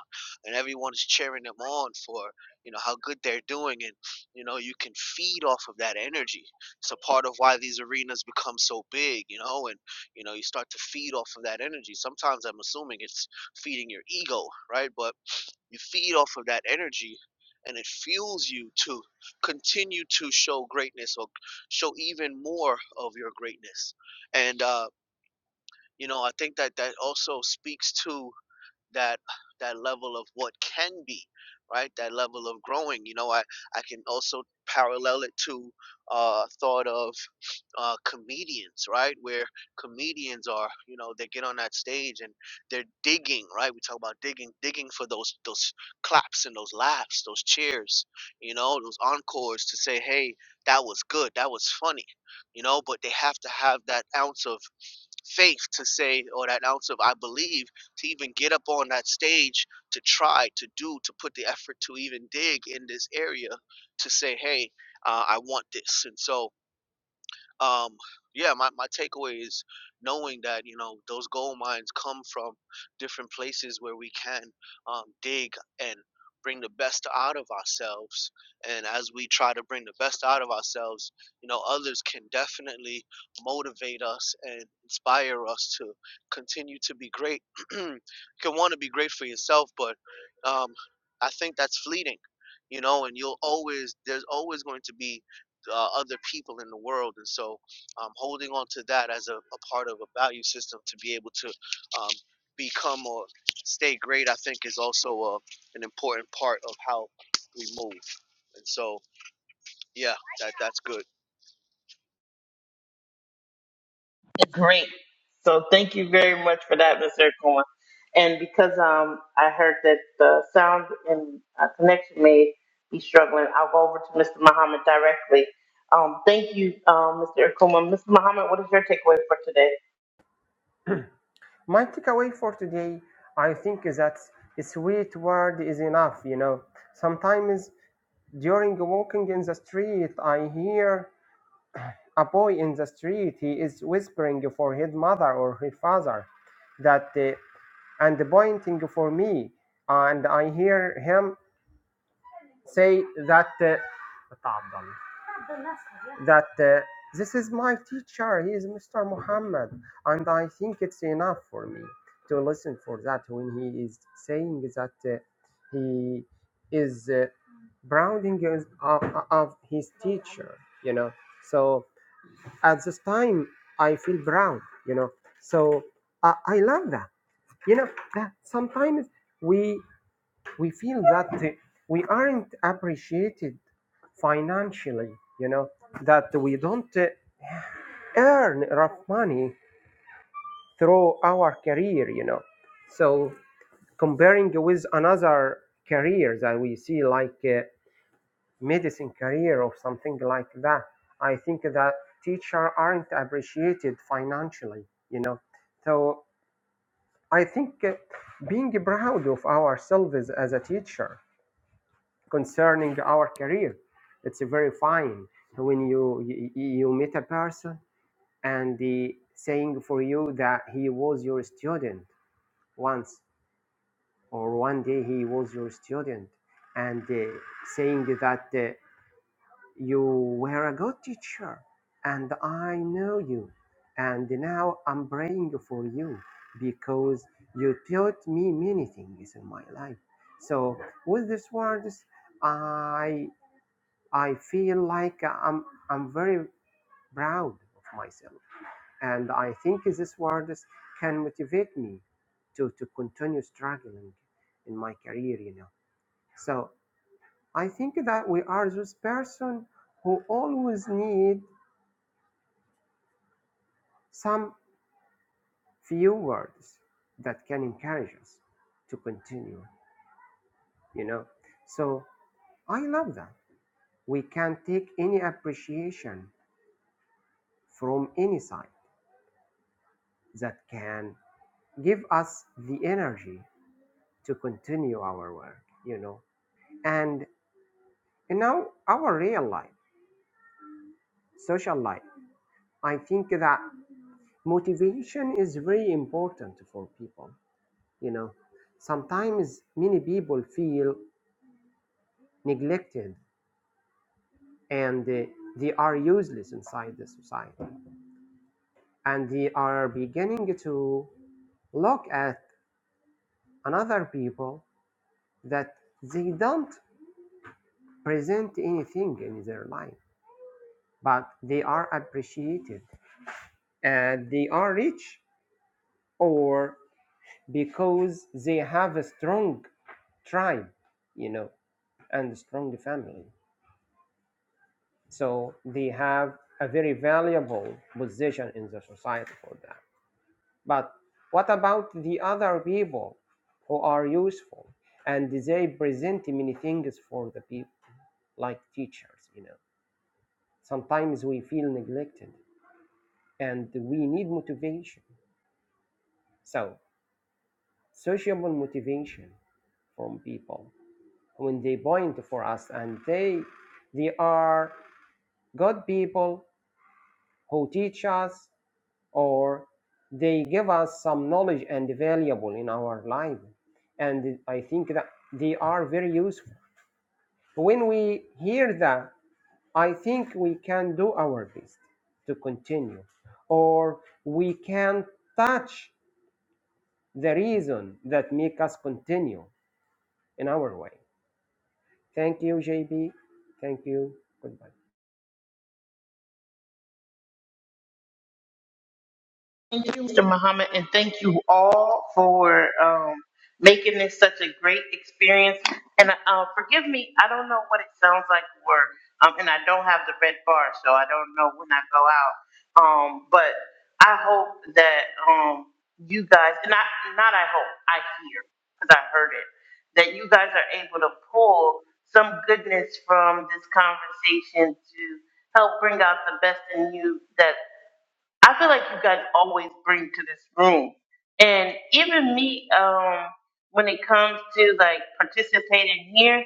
Speaker 3: and everyone is cheering them on for you know how good they're doing, and you know you can feed off of that energy. It's a part of why these arenas become so big, you know, and you know you start to feed off of that energy. Sometimes I'm assuming it's feeding your ego, right? But you feed off of that energy and it fuels you to continue to show greatness or show even more of your greatness. And, uh, you know, I think that that also speaks to that that level of what can be right that level of growing you know i i can also parallel it to uh thought of uh comedians right where comedians are you know they get on that stage and they're digging right we talk about digging digging for those those claps and those laughs those cheers you know those encores to say hey that was good that was funny you know but they have to have that ounce of faith to say or that ounce of i believe to even get up on that stage to try to do to put the effort to even dig in this area to say hey uh, i want this and so um yeah my, my takeaway is knowing that you know those gold mines come from different places where we can um, dig and bring the best out of ourselves and as we try to bring the best out of ourselves you know others can definitely motivate us and inspire us to continue to be great you can want to be great for yourself but um, i think that's fleeting you know and you'll always there's always going to be uh, other people in the world. And so um, holding on to that as a, a part of a value system to be able to um, become or stay great, I think, is also a an important part of how we move. And so, yeah, that that's good.
Speaker 1: Great. So thank you very much for that, Mr. Cohen. And because um, I heard that the sound and uh, connection may be struggling, I'll go over to Mr. Muhammad directly. Um, thank you, um, Mr. Akuma. Mr. Muhammad, what is your takeaway for today?
Speaker 4: my takeaway for today, I think, is that a sweet word is enough. You know, sometimes during walking in the street, I hear a boy in the street. He is whispering for his mother or his father, that uh, and pointing for me, and I hear him say that. Uh, "تفضل." that uh, this is my teacher, he is Mr. Muhammad, and I think it's enough for me to listen for that when he is saying that uh, he is uh, browning is- of, of his teacher, you know. So at this time, I feel proud, you know. So I I love that, you know. That sometimes we we feel that uh, we aren't appreciated financially, you know, that we don't. uh, earn enough money through our career, you know. So comparing with another career that we see like a medicine career or something like that, I think that teacher aren't appreciated financially, you know. So I think uh, being proud of ourselves as a teacher concerning our career, it's very fine when you you, you meet a person and the saying for you that he was your student once or one day he was your student and uh, saying that uh, you were a good teacher and i know you and now i'm praying for you because you taught me many things in my life so with these words i i feel like i'm i'm very proud of myself And I think these words can motivate me to, to continue struggling in my career, you know. So I think that we are those person who always need some few words that can encourage us to continue, you know. So I love that. We can take any appreciation from any side that can give us the energy to continue our work, you know. And And now our real life, social life, I think that motivation is very important for people. You know, sometimes many people feel neglected and uh, they are useless inside the society, and they are beginning to look at another people that they don't present anything in their life, but they are appreciated and they are rich or because they have a strong tribe, you know, and strong family. So they have a very valuable position in the society for that. But what about the other people who are useful and they present many things for the people, like teachers, you know? Sometimes we feel neglected and we need motivation. So, sociable motivation from people when they point for us and they they are good people who teach us or they give us some knowledge and valuable in our life and i think that they are very useful when we hear that i think we can do our best to continue or we can touch the reason that make us continue in our way thank you jb thank you goodbye
Speaker 1: Thank you, Mr. Muhammad, and thank you all for um, making this such a great experience. And uh, forgive me, I don't know what it sounds like or um, and I don't have the red bar, so I don't know when I go out. Um, but I hope that um, you guys, and I, not I hope, I hear, because I heard it, that you guys are able to pull some goodness from this conversation to help bring out the best in you that I feel like you guys always bring to this room. And even me, um, when it comes to like participating here,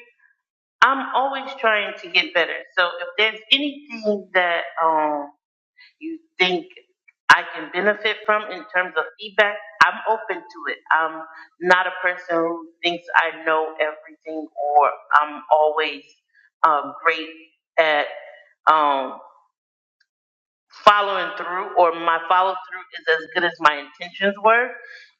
Speaker 1: I'm always trying to get better. So if there's anything that um you think I can benefit from in terms of feedback, I'm open to it. I'm not a person who thinks I know everything or I'm always um, great at um, following through or my follow through is as good as my intentions were.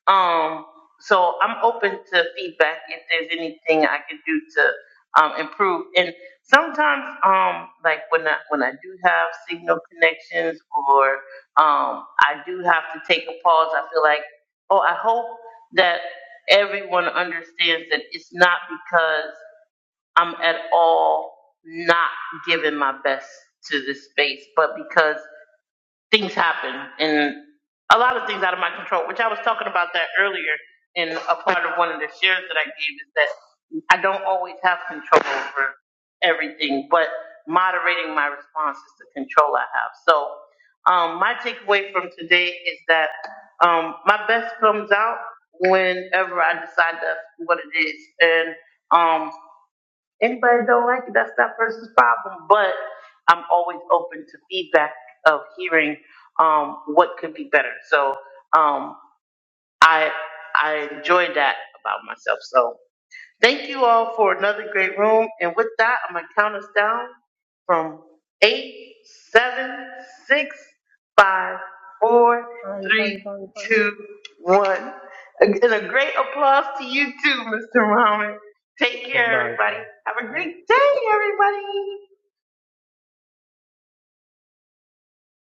Speaker 1: Um, so I'm open to feedback if there's anything I can do to um, improve. And sometimes, um, like when I when I do have signal connections or um, I do have to take a pause, I feel like, oh, I hope that everyone understands that it's not because I'm at all not giving my best to this space, but because things happen and a lot of things out of my control, which I was talking about that earlier in a part of one of the shares that I gave is that I don't always have control over everything, but moderating my response is the control I have. So um, my takeaway from today is that um, my best comes out whenever I decide that's what it is. And um, Anybody don't like it, that's that person's problem. But I'm always open to feedback of hearing um, what could be better. So um, I I enjoy that about myself. So Thank you all for another great room. And with that, I'm going to count us down from eight, seven, six, five, four,
Speaker 4: bye bye
Speaker 1: three,
Speaker 4: bye bye
Speaker 1: two, one. And a great applause to you too, Mr. Muhammad. Take care,
Speaker 4: Goodbye. Bye.
Speaker 1: everybody. Have a great day, everybody.